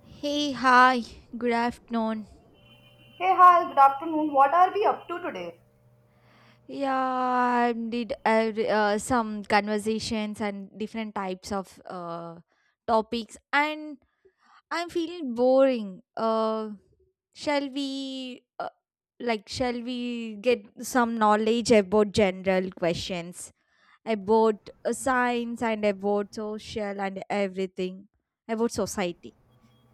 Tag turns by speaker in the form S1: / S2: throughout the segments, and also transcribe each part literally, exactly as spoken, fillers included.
S1: Hey, hi, good afternoon.
S2: Hey, hi, good afternoon. What are we up to today?
S1: Yeah, I did uh, uh, some conversations and different types of uh, topics, and I'm feeling boring. Uh, shall we, uh, like, shall we get some knowledge about general questions about uh, science and about social and everything about society?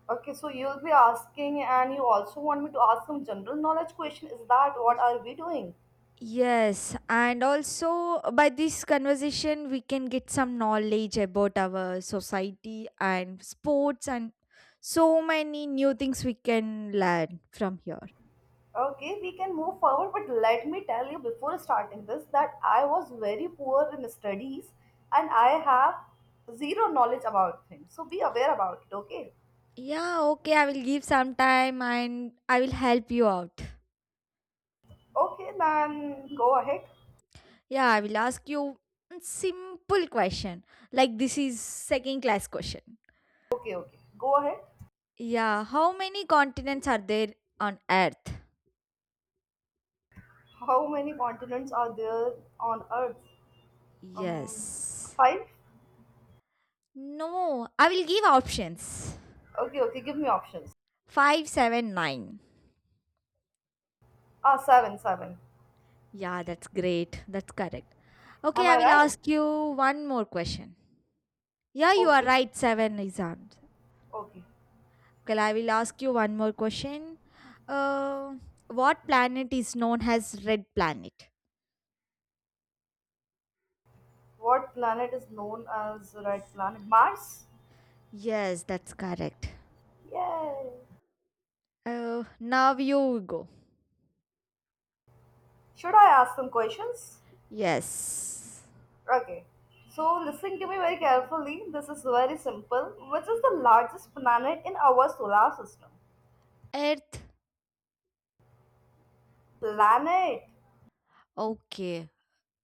S2: Okay, so you'll be asking, and you also want me to ask some general knowledge question. Is that what are we doing?
S1: Yes, and also uh, by this conversation, we can get some knowledge about our society and sports, and so many new things we can learn from here.
S2: Okay, we can move forward, but let me tell you before starting this that I was very poor in studies and I have zero knowledge about things. So be aware about it, okay?
S1: Yeah, okay, I will give some time and I will help you out.
S2: Okay, then go ahead.
S1: Yeah, I will ask you a simple question like this is second class question.
S2: Okay, okay, go ahead.
S1: Yeah, how many continents are there on Earth?
S2: How many continents are there on Earth? Um,
S1: Yes.
S2: five?
S1: No, I will give options.
S2: Okay, okay, give me options.
S1: five seven nine.
S2: Ah, seven, seven.
S1: Yeah, that's great. That's correct.
S2: Am
S1: Okay, I
S2: I
S1: will
S2: right?
S1: ask you one more question. Yeah, you are
S2: Okay,
S1: right. Seven is answer.
S2: okay.
S1: Okay, I will ask you one more question. Uh, what planet is known as red planet?
S2: What planet is known as the red planet? Mars?
S1: Yes, that's correct.
S2: Yay.
S1: Uh, now you go.
S2: Should I ask some questions?
S1: Yes.
S2: Okay. So listen to me very carefully. This is very simple. Which is the largest planet in our solar system?
S1: Earth.
S2: Planet?
S1: Okay.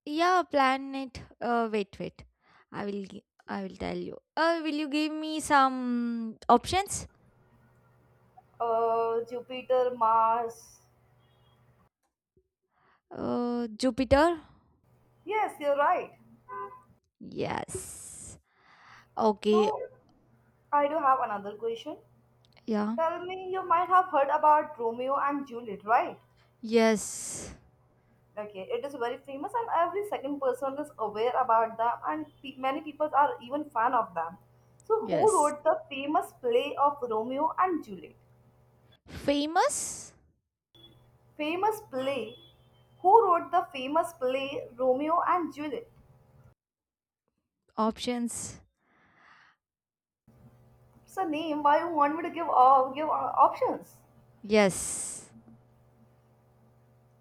S1: Yeah, planet. Uh, wait, wait. I will. gi- I will tell you. Uh, will you give me some options?
S2: Uh, Jupiter, Mars.
S1: Uh, Jupiter?
S2: Yes, you're right.
S1: Yes. Okay.
S2: So I do have another question.
S1: Yeah.
S2: Tell me, you might have heard about Romeo and Juliet, right?
S1: Yes.
S2: Okay, it is very famous, and every second person is aware about them, and pe- many people are even fan of them. So, who
S1: Yes.
S2: wrote the famous play of Romeo and Juliet?
S1: Famous
S2: Famous play. Who wrote the famous play Romeo and Juliet?
S1: options?
S2: It's a name. Why you want me to give all give uh, options?
S1: Yes.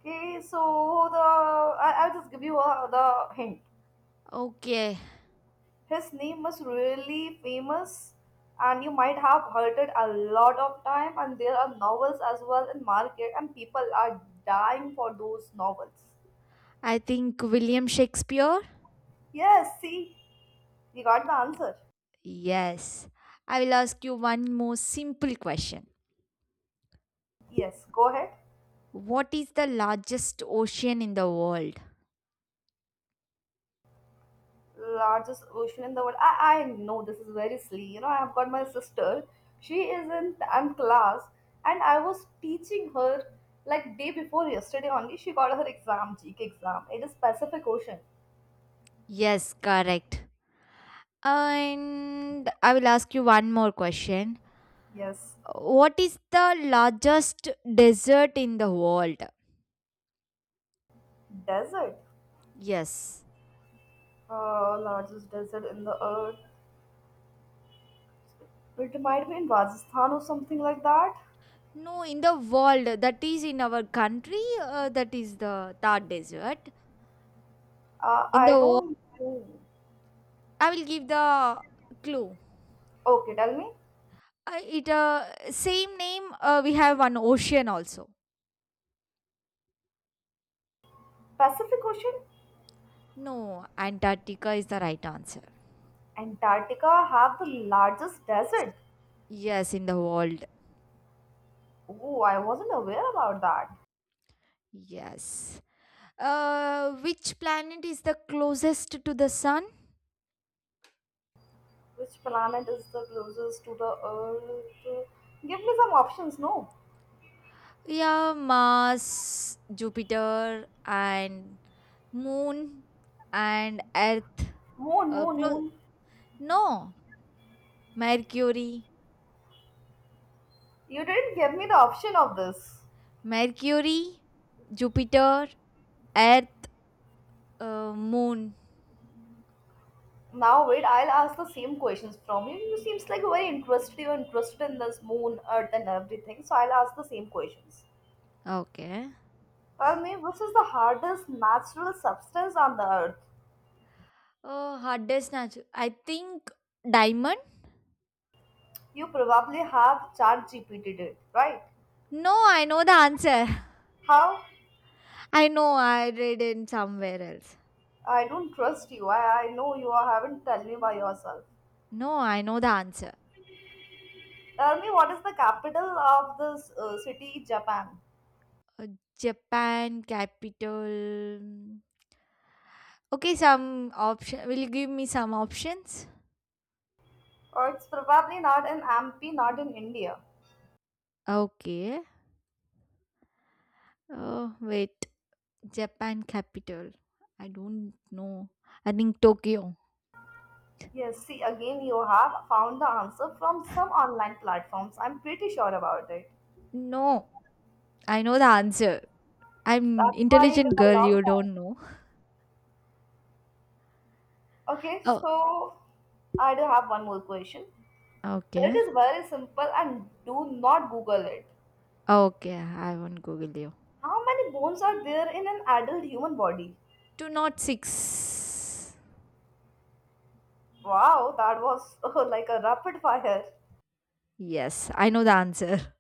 S2: Okay, so the I, I'll just give you uh, the hint.
S1: Okay.
S2: His name was really famous and you might have heard it a lot of time and there are novels as well in market and people are dying for those novels.
S1: I think William Shakespeare?
S2: Yes, see, we got the answer.
S1: Yes. I will ask you one more simple question.
S2: Yes, go ahead.
S1: What is the largest ocean in the world?
S2: Largest ocean in the world. I, I know this is very silly. You know, I have got my sister. She is in tenth class and I was teaching her like day before yesterday only. She got her exam, G K exam. It is Pacific Ocean.
S1: Yes, correct. And I will ask you one more question.
S2: Yes,
S1: What is the largest desert in the world?
S2: desert.
S1: Yes.
S2: Uh, largest desert in the earth. It might be in Rajasthan or something like that.
S1: No, in the world. That is in our country. Uh, that is the Thar Desert.
S2: Uh,
S1: In the
S2: I
S1: world.
S2: don't know.
S1: I will give the clue.
S2: Okay, tell me.
S1: Uh, it uh, same name. Uh, we have one ocean also.
S2: Pacific Ocean,
S1: No, Antarctica is the right answer.
S2: Antarctica have the largest desert.
S1: Yes, in the world.
S2: Oh, I wasn't aware about that.
S1: Yes. Uh, which planet is the closest to the sun?
S2: Which planet is the closest to the Earth? Give me some options. No,
S1: Yeah, Mars, Jupiter, and Moon and Earth.
S2: moon,
S1: Uh,
S2: moon,
S1: close.
S2: moon.
S1: No, Mercury,
S2: You didn't give me the option of this.
S1: Mercury, Jupiter, Earth, uh, Moon.
S2: Now wait, I'll ask the same questions from you. You seems like very interested. You're interested in this moon, earth, and everything. So I'll ask the same questions.
S1: Okay.
S2: Tell me, which is the hardest natural substance on the earth?
S1: Oh, hardest natural. I think diamond.
S2: You probably have Chat G P T did, right?
S1: No, I know the answer.
S2: How?
S1: I know I read it somewhere else.
S2: I don't trust you. I, I know you are, haven't tell me by yourself.
S1: No, I know the answer.
S2: Tell me, what is the capital of this uh, city, Japan?
S1: Uh, Japan capital. Okay, some option. Will you give me some options?
S2: Or it's probably not in M P, not in India.
S1: Okay. Oh, wait. Japan capital. I don't know. I think Tokyo.
S2: Yes, see, again, you have found the answer from some online platforms. I'm pretty sure about it.
S1: No, I know the answer. I'm
S2: That's why it took
S1: intelligent
S2: a
S1: girl,
S2: long
S1: you
S2: time.
S1: don't know.
S2: Okay,
S1: Oh,
S2: so I do have one more question. It
S1: okay.
S2: is very simple and do not Google it.
S1: Okay, I won't Google you.
S2: How many bones are there in an adult human body?
S1: Two not six.
S2: Wow, that was uh, like a rapid fire.
S1: Yes, I know the answer.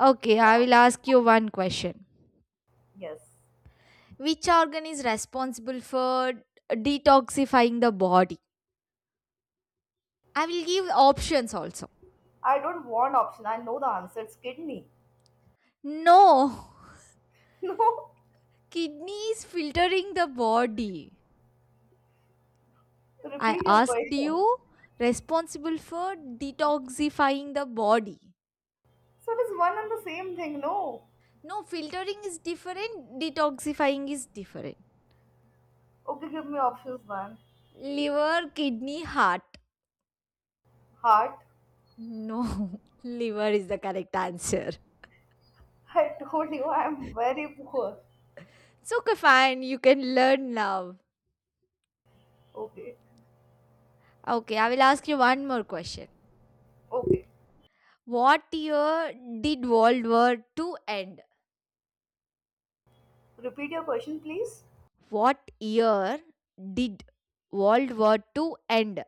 S1: Okay, I
S2: Wow.
S1: will ask you one question.
S2: Yes.
S1: Which organ is responsible for detoxifying the body? I will give options also.
S2: I don't want option. I know the answer. It's kidney.
S1: No,
S2: No.
S1: kidney is filtering the body. I
S2: Repeat your
S1: asked
S2: question.
S1: you, responsible for detoxifying the body.
S2: So it is one and the same thing. No.
S1: No, filtering is different, detoxifying is different.
S2: Okay, give me options, man.
S1: Liver, kidney, heart.
S2: Heart.
S1: No, liver is the correct answer.
S2: I told you I am very poor.
S1: It's okay, fine, you can learn now.
S2: Okay.
S1: Okay, I will ask you one more question.
S2: Okay.
S1: What year did World War Two end?
S2: Repeat your question, please.
S1: What year did World War Two end?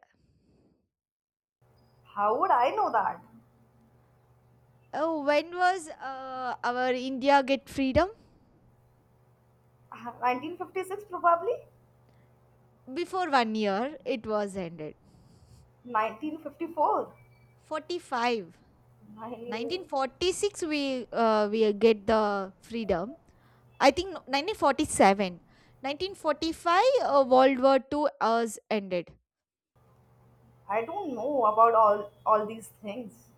S2: How would I know that?
S1: Oh, when was uh, our India get freedom?
S2: nineteen fifty-six, probably.
S1: Before one year, it was ended.
S2: nineteen fifty-four.
S1: forty-five.
S2: I,
S1: nineteen forty-six, we, uh, we get the freedom. I think no- nineteen forty-seven. nineteen forty-five, uh, World War Two was ended.
S2: I don't know about all all these things.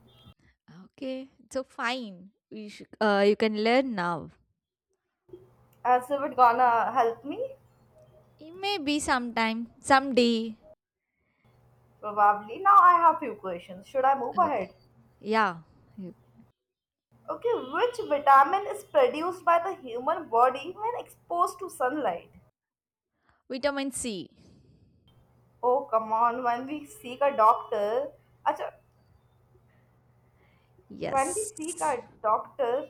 S1: Okay, so fine. We should, uh, you can learn now.
S2: As if it gonna help me,
S1: It may be sometime, someday.
S2: probably. Now I have few questions. Should I move
S1: Okay.
S2: ahead?
S1: Yeah. You
S2: Okay, which vitamin is produced by the human body when exposed to sunlight?
S1: Vitamin C.
S2: Oh, come on. When we seek a doctor, Acha, when we seek
S1: Yes.
S2: a doctor,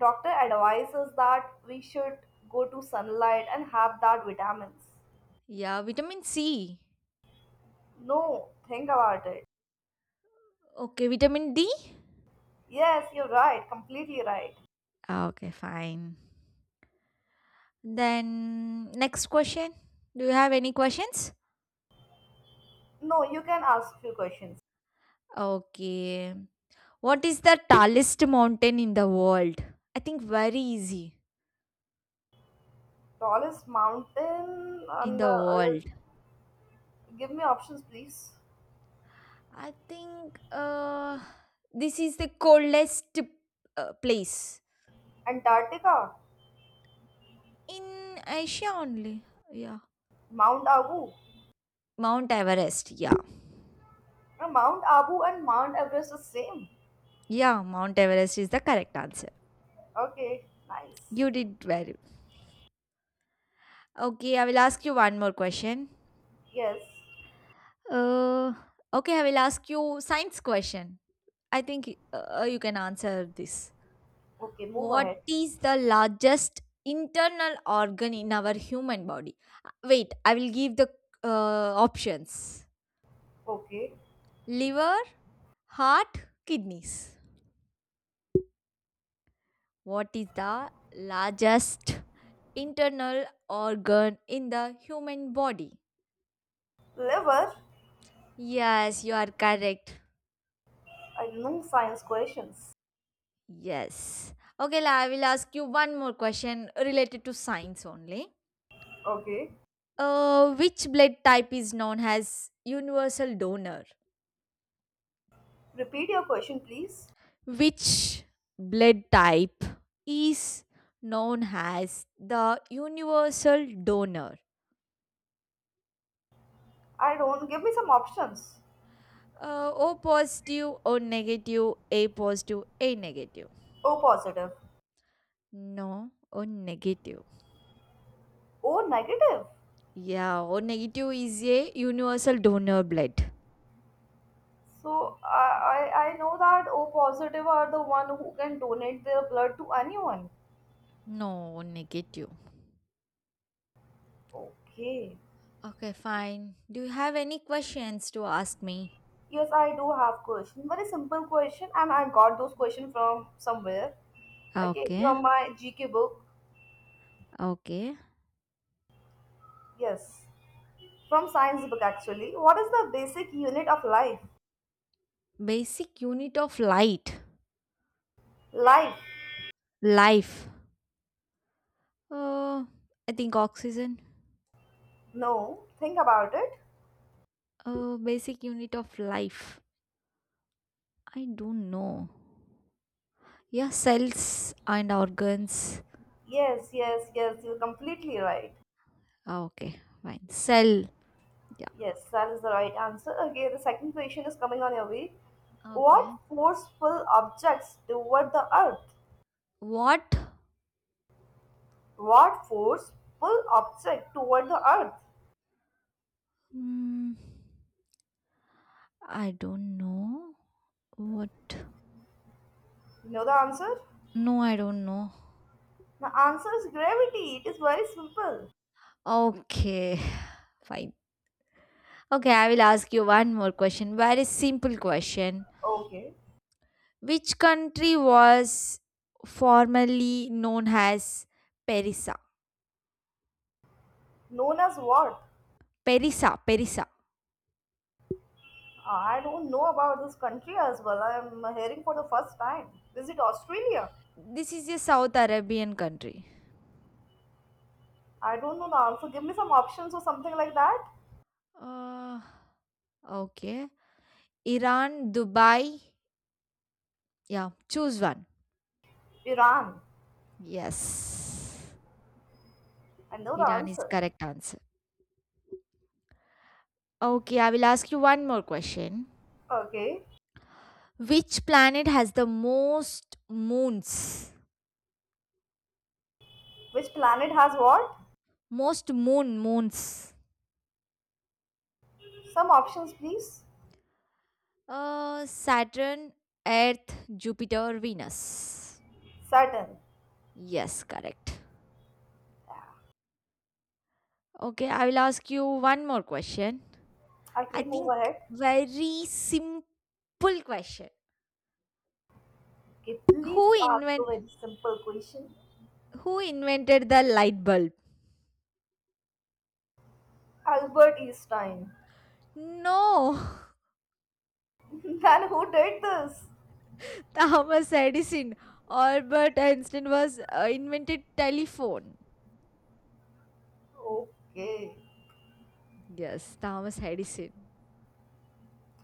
S2: doctor advises that we should go to sunlight and have that vitamins.
S1: Yeah, vitamin C.
S2: No, think about it.
S1: Okay, vitamin D?
S2: Yes, you're right. Completely right.
S1: Ah, okay, fine. Then, next question. Do you have any questions?
S2: No, you can ask few questions.
S1: Okay. What is the tallest mountain in the world? I think very easy
S2: Tallest mountain
S1: in
S2: on
S1: the
S2: the earth.
S1: world.
S2: Give me options, please.
S1: I think uh, this is the coldest uh, place
S2: Antarctica,
S1: in Asia only. Yeah.
S2: Mount Abu.
S1: Mount Everest. Yeah.
S2: Uh, Mount Abu and Mount Everest is same.
S1: Yeah, Mount Everest is the correct answer.
S2: Okay, nice.
S1: You did well. Okay, I will ask you one more question.
S2: Yes.
S1: Uh, okay, I will ask you science question. I think uh, you can answer this.
S2: Okay, move
S1: What
S2: ahead.
S1: is the largest internal organ in our human body? Uh, Wait, I will give the uh, options.
S2: Okay.
S1: Liver, heart, kidneys. What is the largest internal organ in the human body?
S2: Liver?
S1: Yes, you are correct.
S2: I know science questions.
S1: Yes. Okay, la, I will ask you one more question related to science only.
S2: Okay.
S1: Uh, which blood type is known as universal donor?
S2: Repeat your question, please.
S1: Which blood type is known as the universal donor?
S2: I don't. Give me some options.
S1: Uh, O positive, O negative, A positive, A negative.
S2: O positive.
S1: No, O negative.
S2: O negative.
S1: Yeah, O negative is a universal donor blood.
S2: So I, I, I know that O positive are the one who can donate their blood to anyone.
S1: No, O negative.
S2: Okay.
S1: Okay, fine. Do you have any questions to ask me?
S2: Yes, I do have question. Very simple question, and I got those question from somewhere. Okay,
S1: Okay,
S2: from my G K book.
S1: okay.
S2: Yes, from science book actually. What is the basic unit of life?
S1: Basic unit of light,
S2: Life.
S1: life. Uh, I think oxygen.
S2: No, think about it.
S1: Uh, basic unit of life. I don't know. Yeah, cells and organs.
S2: Yes, yes, yes, you're completely right.
S1: Ah, okay, fine. Cell. Yeah.
S2: Yes, that is the right answer. Okay, the second question is coming on your way.
S1: Okay.
S2: What forceful objects toward the earth?
S1: What?
S2: What forceful object toward the earth?
S1: Mm, I don't know. What?
S2: You know the answer?
S1: No, I don't know.
S2: The answer is gravity. It is very simple.
S1: Okay, fine. Okay, I will ask you one more question. Very simple question.
S2: Okay.
S1: Which country was formerly known as Perisa?
S2: Known as what?
S1: Perisa, Perisa.
S2: I don't know about this country as well. I am hearing for the first time. Is it Australia?
S1: This is a South Arabian country.
S2: I don't know the answer. Give me some options or something like that.
S1: Uh, okay. Iran, Dubai. Yeah, choose one.
S2: Iran.
S1: Yes.
S2: I know the
S1: Iran is
S2: answer.
S1: correct answer. Okay, I will ask you one more question.
S2: Okay.
S1: Which planet has the most moons?
S2: Which planet has what?
S1: Most moon moons.
S2: Some options, please.
S1: Uh, Saturn, Earth, Jupiter, Venus.
S2: Saturn.
S1: Yes, correct.
S2: Yeah.
S1: Okay, I will ask you one more question. I
S2: Okay, move
S1: think
S2: ahead.
S1: very simple question.
S2: Okay, please
S1: Who
S2: ask a
S1: invent
S2: very simple question.
S1: who invented the light bulb?
S2: Albert Einstein.
S1: No,
S2: Then who did this?
S1: Thomas Edison. Albert Einstein was uh, invented telephone.
S2: Okay,
S1: Yes, Thomas Edison.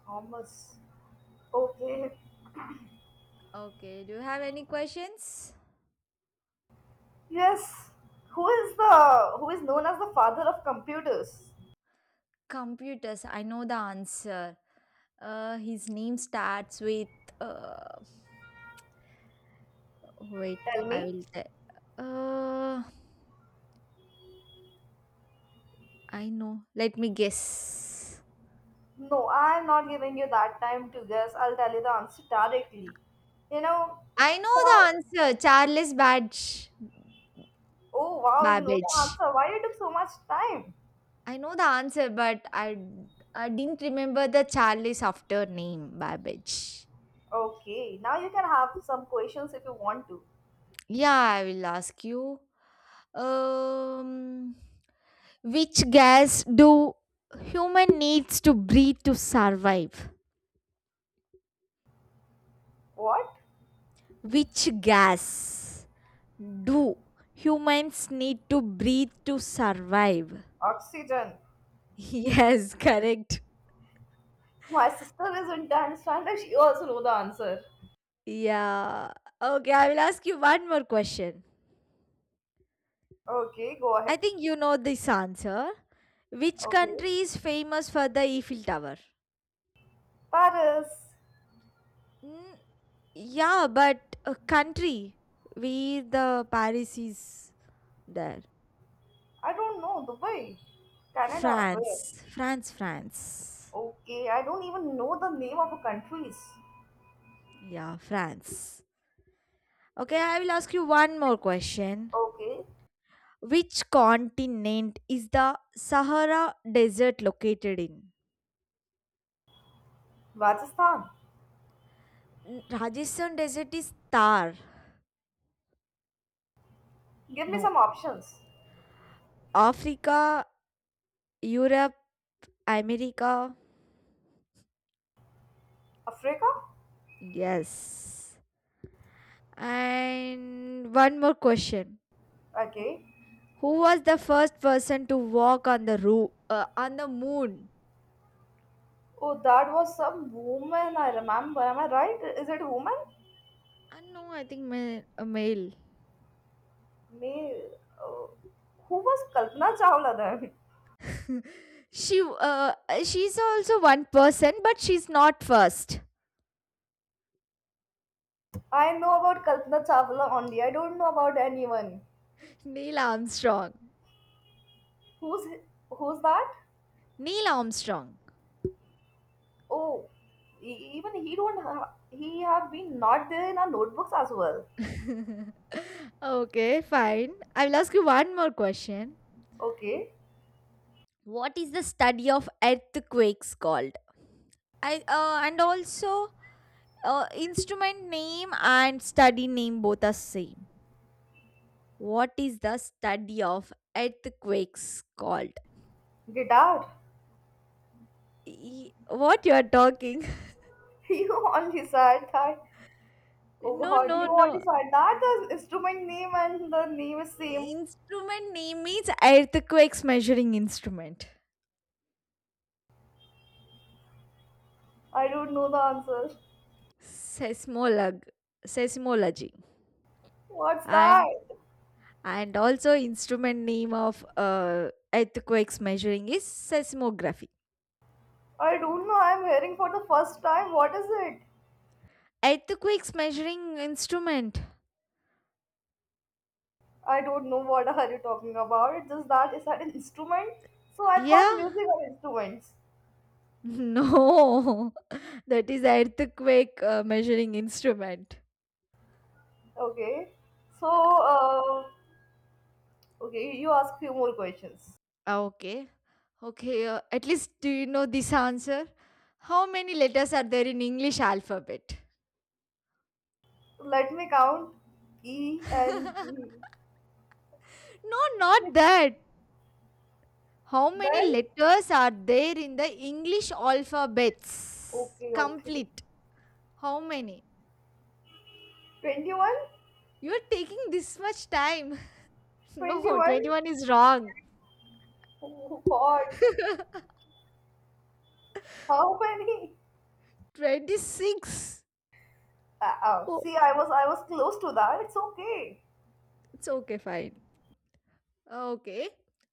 S2: Thomas. Okay.
S1: Okay, do you have any questions?
S2: Yes. Who is the who is known as the father of computers?
S1: Computers, I know the answer. Uh, his name starts with. Uh, Wait,
S2: Tell
S1: I
S2: me.
S1: will tell. Uh, I know. Let me guess.
S2: No, I'm not giving you that time to guess. I'll tell you the answer directly. You know,
S1: I know
S2: Charles
S1: the answer. Charles Badge
S2: Oh wow, you know the
S1: Babbage.
S2: answer. Why you took so much time?
S1: I know the answer, but I I didn't remember the Charles after name Babbage.
S2: Okay, now you can have some questions if you want to.
S1: Yeah, I will ask you. Um. Which gas do human needs to breathe to survive?
S2: What?
S1: Which gas do humans need to breathe to survive?
S2: Oxygen.
S1: Yes, correct.
S2: My sister is in dance and she also know the answer.
S1: Yeah. Okay, I will ask you one more question.
S2: Okay, go ahead.
S1: I think you know this answer. Which
S2: Okay.
S1: country is famous for the Eiffel Tower?
S2: Paris.
S1: Mm, yeah, but a country. We the Paris is there.
S2: I don't know. Dubai. Canada. Where?
S1: France, France, France.
S2: Okay, I don't even know the name of the countries.
S1: Yeah, France. Okay, I will ask you one more question.
S2: Okay.
S1: Which continent is the Sahara Desert located in?
S2: Rajasthan.
S1: N- Rajasthan Desert is Thar.
S2: Give me
S1: No.
S2: some options.
S1: Africa, Europe, America.
S2: Africa?
S1: Yes. And one more question.
S2: Okay.
S1: Who was the first person to walk on the roo- uh, on the moon?
S2: Oh, that was some woman I remember. Am I right? Is it woman?
S1: Uh, no, I think ma- a male.
S2: Me, uh, who was Kalpana Chawla then?
S1: she uh, she's also one person but she's not first.
S2: I know about Kalpana Chawla only. I don't know about anyone.
S1: Neil armstrong
S2: Who's Who's that?
S1: neil armstrong
S2: Oh, e- even he don't ha- he have been not there in our notebooks as well.
S1: okay fine, i will ask you one more question.
S2: Okay,
S1: What is the study of earthquakes called? I uh, And also uh, instrument name and study name both are same. What is the study of earthquakes called?
S2: guitar.
S1: E- what you are talking?
S2: You only said that. Oh
S1: No,
S2: God,
S1: no,
S2: you only
S1: no.
S2: said that the instrument name and the name is same.
S1: Instrument name means earthquakes measuring instrument.
S2: I don't know the answer.
S1: Seismolog seismology.
S2: What's that?
S1: And and also instrument name of uh, earthquakes measuring is seismography.
S2: I don't know. I'm hearing for the first time. What is it?
S1: Earthquakes measuring instrument.
S2: I don't know what are you talking about. It's just that it's an instrument. So I thought
S1: Yeah.
S2: music are instruments.
S1: No. That is earthquake uh, measuring instrument.
S2: Okay. So uh, okay, you ask few more questions.
S1: Ah, okay. Okay, uh, at least do you know this answer? How many letters are there in English alphabet?
S2: Let me count E and G.
S1: No, not that. How many
S2: Then
S1: letters are there in the English alphabets?
S2: okay, okay.
S1: Complete. How many?
S2: twenty-one?
S1: You're taking this much time. No,
S2: twenty-one?
S1: twenty-one is wrong.
S2: Oh God. How many?
S1: twenty-six.
S2: Uh, uh,
S1: Oh,
S2: see, I was I was close to that. It's okay.
S1: it's okay, fine. Okay.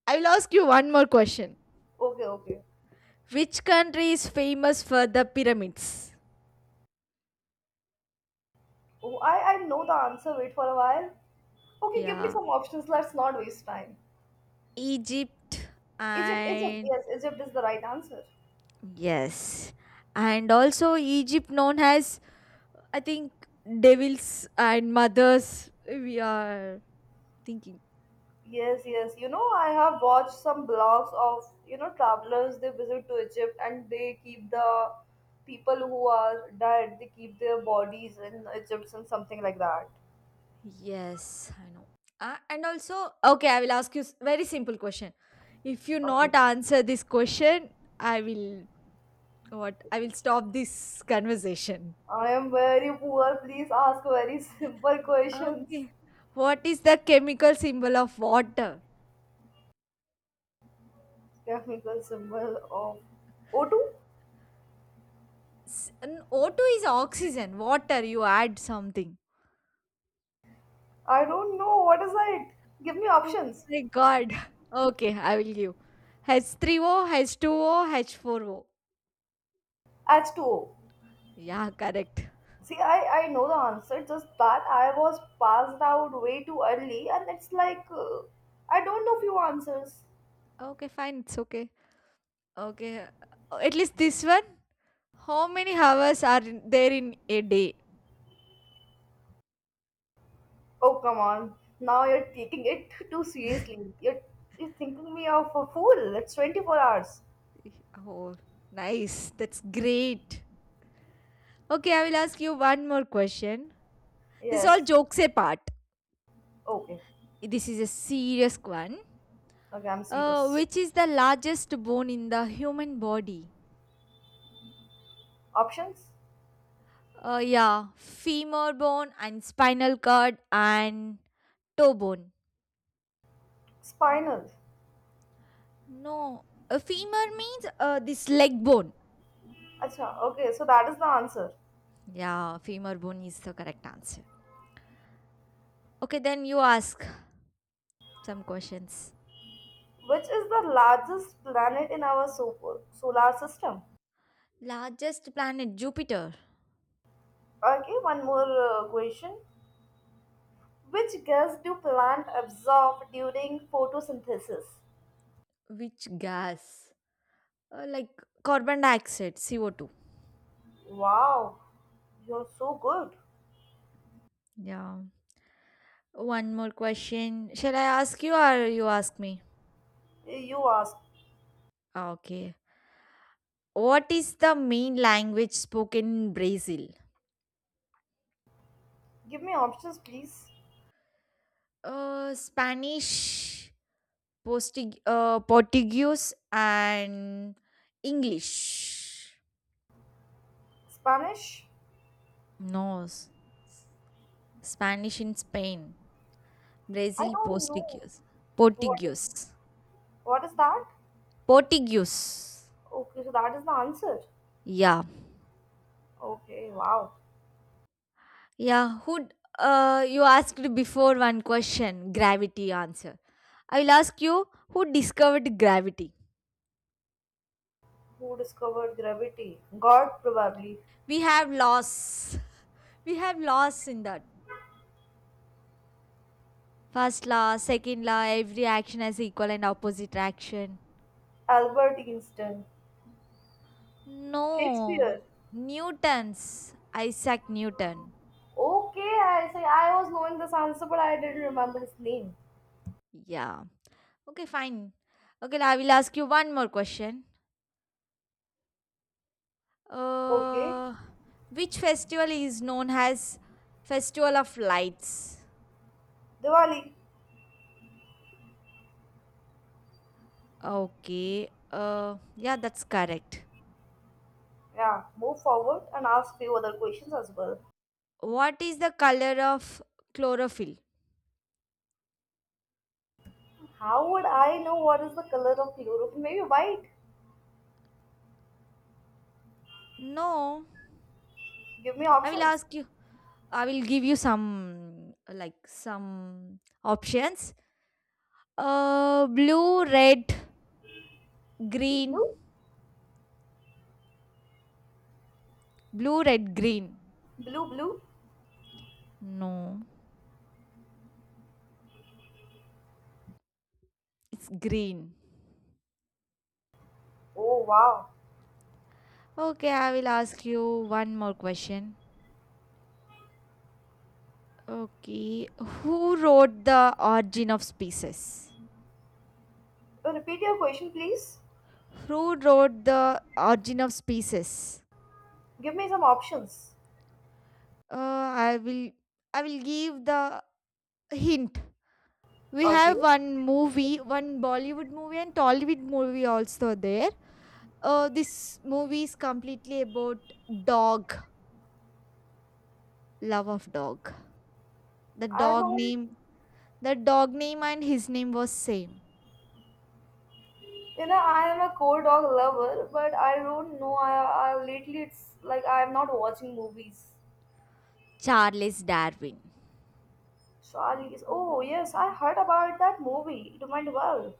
S1: I will ask you one more question.
S2: Okay, okay.
S1: Which country is famous for the pyramids?
S2: Oh, I, I know the answer. Wait for a while. Okay, give me
S1: Yeah,
S2: some options. Let's not waste time.
S1: Egypt
S2: Egypt, Egypt,
S1: and
S2: yes, Egypt is the right answer.
S1: yes. And also Egypt known as I think devils and mothers we are thinking.
S2: Yes, yes. You know, I have watched some blogs of, you know, travelers. They visit to Egypt and they keep the people who are dead, they keep their bodies in Egypt and something like that.
S1: Yes, I know. Uh, and also, okay, I will ask you s- very simple question. If you
S2: Okay.
S1: not answer this question, I will what I will stop this conversation.
S2: I am very poor. Please ask very simple questions.
S1: Okay. What is the chemical symbol of water?
S2: Chemical symbol of O two?
S1: S- n- O two is oxygen. Water, you add something.
S2: I don't know. What is it? Give me
S1: Oh
S2: options.
S1: my god. Okay, I will give. H three O, H two O, H forty.
S2: H two O.
S1: Yeah, correct.
S2: See, I, I know the answer, just that I was passed out way too early, and it's like, uh, I don't know few answers.
S1: Okay, fine. It's okay. Okay. uh, At least this one. How many hours are in- there in a day?
S2: Oh, come on. Now you're taking it too seriously. You're, you're thinking me of a fool. It's twenty-four hours.
S1: Oh, nice. That's great. Okay, I will ask you one more question. This is
S2: Yes.
S1: all jokes apart.
S2: Okay.
S1: This is a serious one.
S2: Okay, I'm
S1: Uh,
S2: serious.
S1: which is the largest bone in the human body?
S2: Options?
S1: Uh, yeah, femur bone and spinal cord and toe bone.
S2: Spinal.
S1: No, a femur means uh, this leg bone.
S2: Acha, okay, so that is the answer.
S1: Yeah, femur bone is the correct answer. Okay, then you ask some questions.
S2: Which is the largest planet in our so- solar system?
S1: Largest planet, Jupiter.
S2: Okay, one more uh, question. Which gas do plants absorb during photosynthesis?
S1: Which gas? Uh, like carbon dioxide, C O two.
S2: Wow, you're so good.
S1: Yeah. One more question. Shall I ask you or you ask me?
S2: You asked.
S1: Ah, okay. What is the main language spoken in Brazil?
S2: Give me options, please.
S1: Uh, Spanish, Postig- uh, Portuguese, and English.
S2: Spanish?
S1: No, s- Spanish in Spain.
S2: I
S1: Brazil
S2: don't know.
S1: Portuguese.
S2: What,
S1: Portuguese.
S2: what is that?
S1: Portuguese.
S2: Okay, so that is the answer.
S1: Yeah.
S2: Okay, wow.
S1: Yeah, who uh, you asked before one question, gravity answer. I will ask you who discovered gravity?
S2: Who discovered gravity? God, probably.
S1: We have laws. We have laws in that. First law, second law, every action has equal and opposite action.
S2: Albert Einstein. Shakespeare.
S1: No. Newton's. Isaac Newton.
S2: Okay, I say I was knowing this answer, but I didn't remember his name.
S1: Yeah. Okay, fine. Okay, I will ask you one more question.
S2: Okay.
S1: Uh, which festival is known as Festival of Lights?
S2: Diwali.
S1: Okay. Uh, yeah, that's correct.
S2: Yeah, move forward and ask few other questions as well.
S1: What is the color of chlorophyll?
S2: How would I know what is the color of Europe? Maybe white.
S1: No,
S2: Give me
S1: I will
S2: options.
S1: ask you. I will give you some like some options. Uh, blue, red, green.
S2: Blue?
S1: Blue, red, green.
S2: Blue, blue.
S1: No, it's green.
S2: Oh, wow.
S1: Okay, I will ask you one more question. Okay, who wrote The Origin of Species?
S2: Uh, Repeat your question, please.
S1: Who wrote The Origin of Species?
S2: Give me some options.
S1: Uh, I will I will give the hint. We
S2: Okay.
S1: have one movie, one Bollywood movie and Tollywood movie also there. Uh, this movie is completely about dog, love of dog. The
S2: I
S1: dog
S2: don't,
S1: name, the dog name and his name was same.
S2: you know, I am a core dog lover, but I don't know. I, I lately it's like I'm not watching movies.
S1: Charles Darwin.
S2: Charlie's. Oh, yes, I heard about that movie. It went well.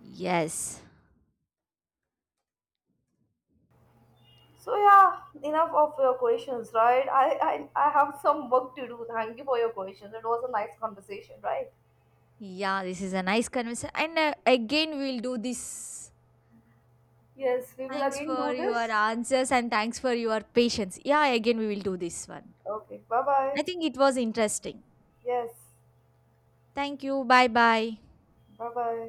S1: Yes,
S2: So yeah, enough of your questions, right? I, I I have some work to do. Thank you for your questions. It was a nice conversation, right?
S1: yeah, this is a nice conversation. And uh, again, we'll do this.
S2: Yes, we will
S1: Thanks
S2: again do
S1: for your
S2: this.
S1: answers and thanks for your patience. Yeah, again, we will do this one.
S2: Okay, bye
S1: I
S2: bye.
S1: think it was interesting.
S2: Yes,
S1: Thank you. Bye bye.
S2: bye bye.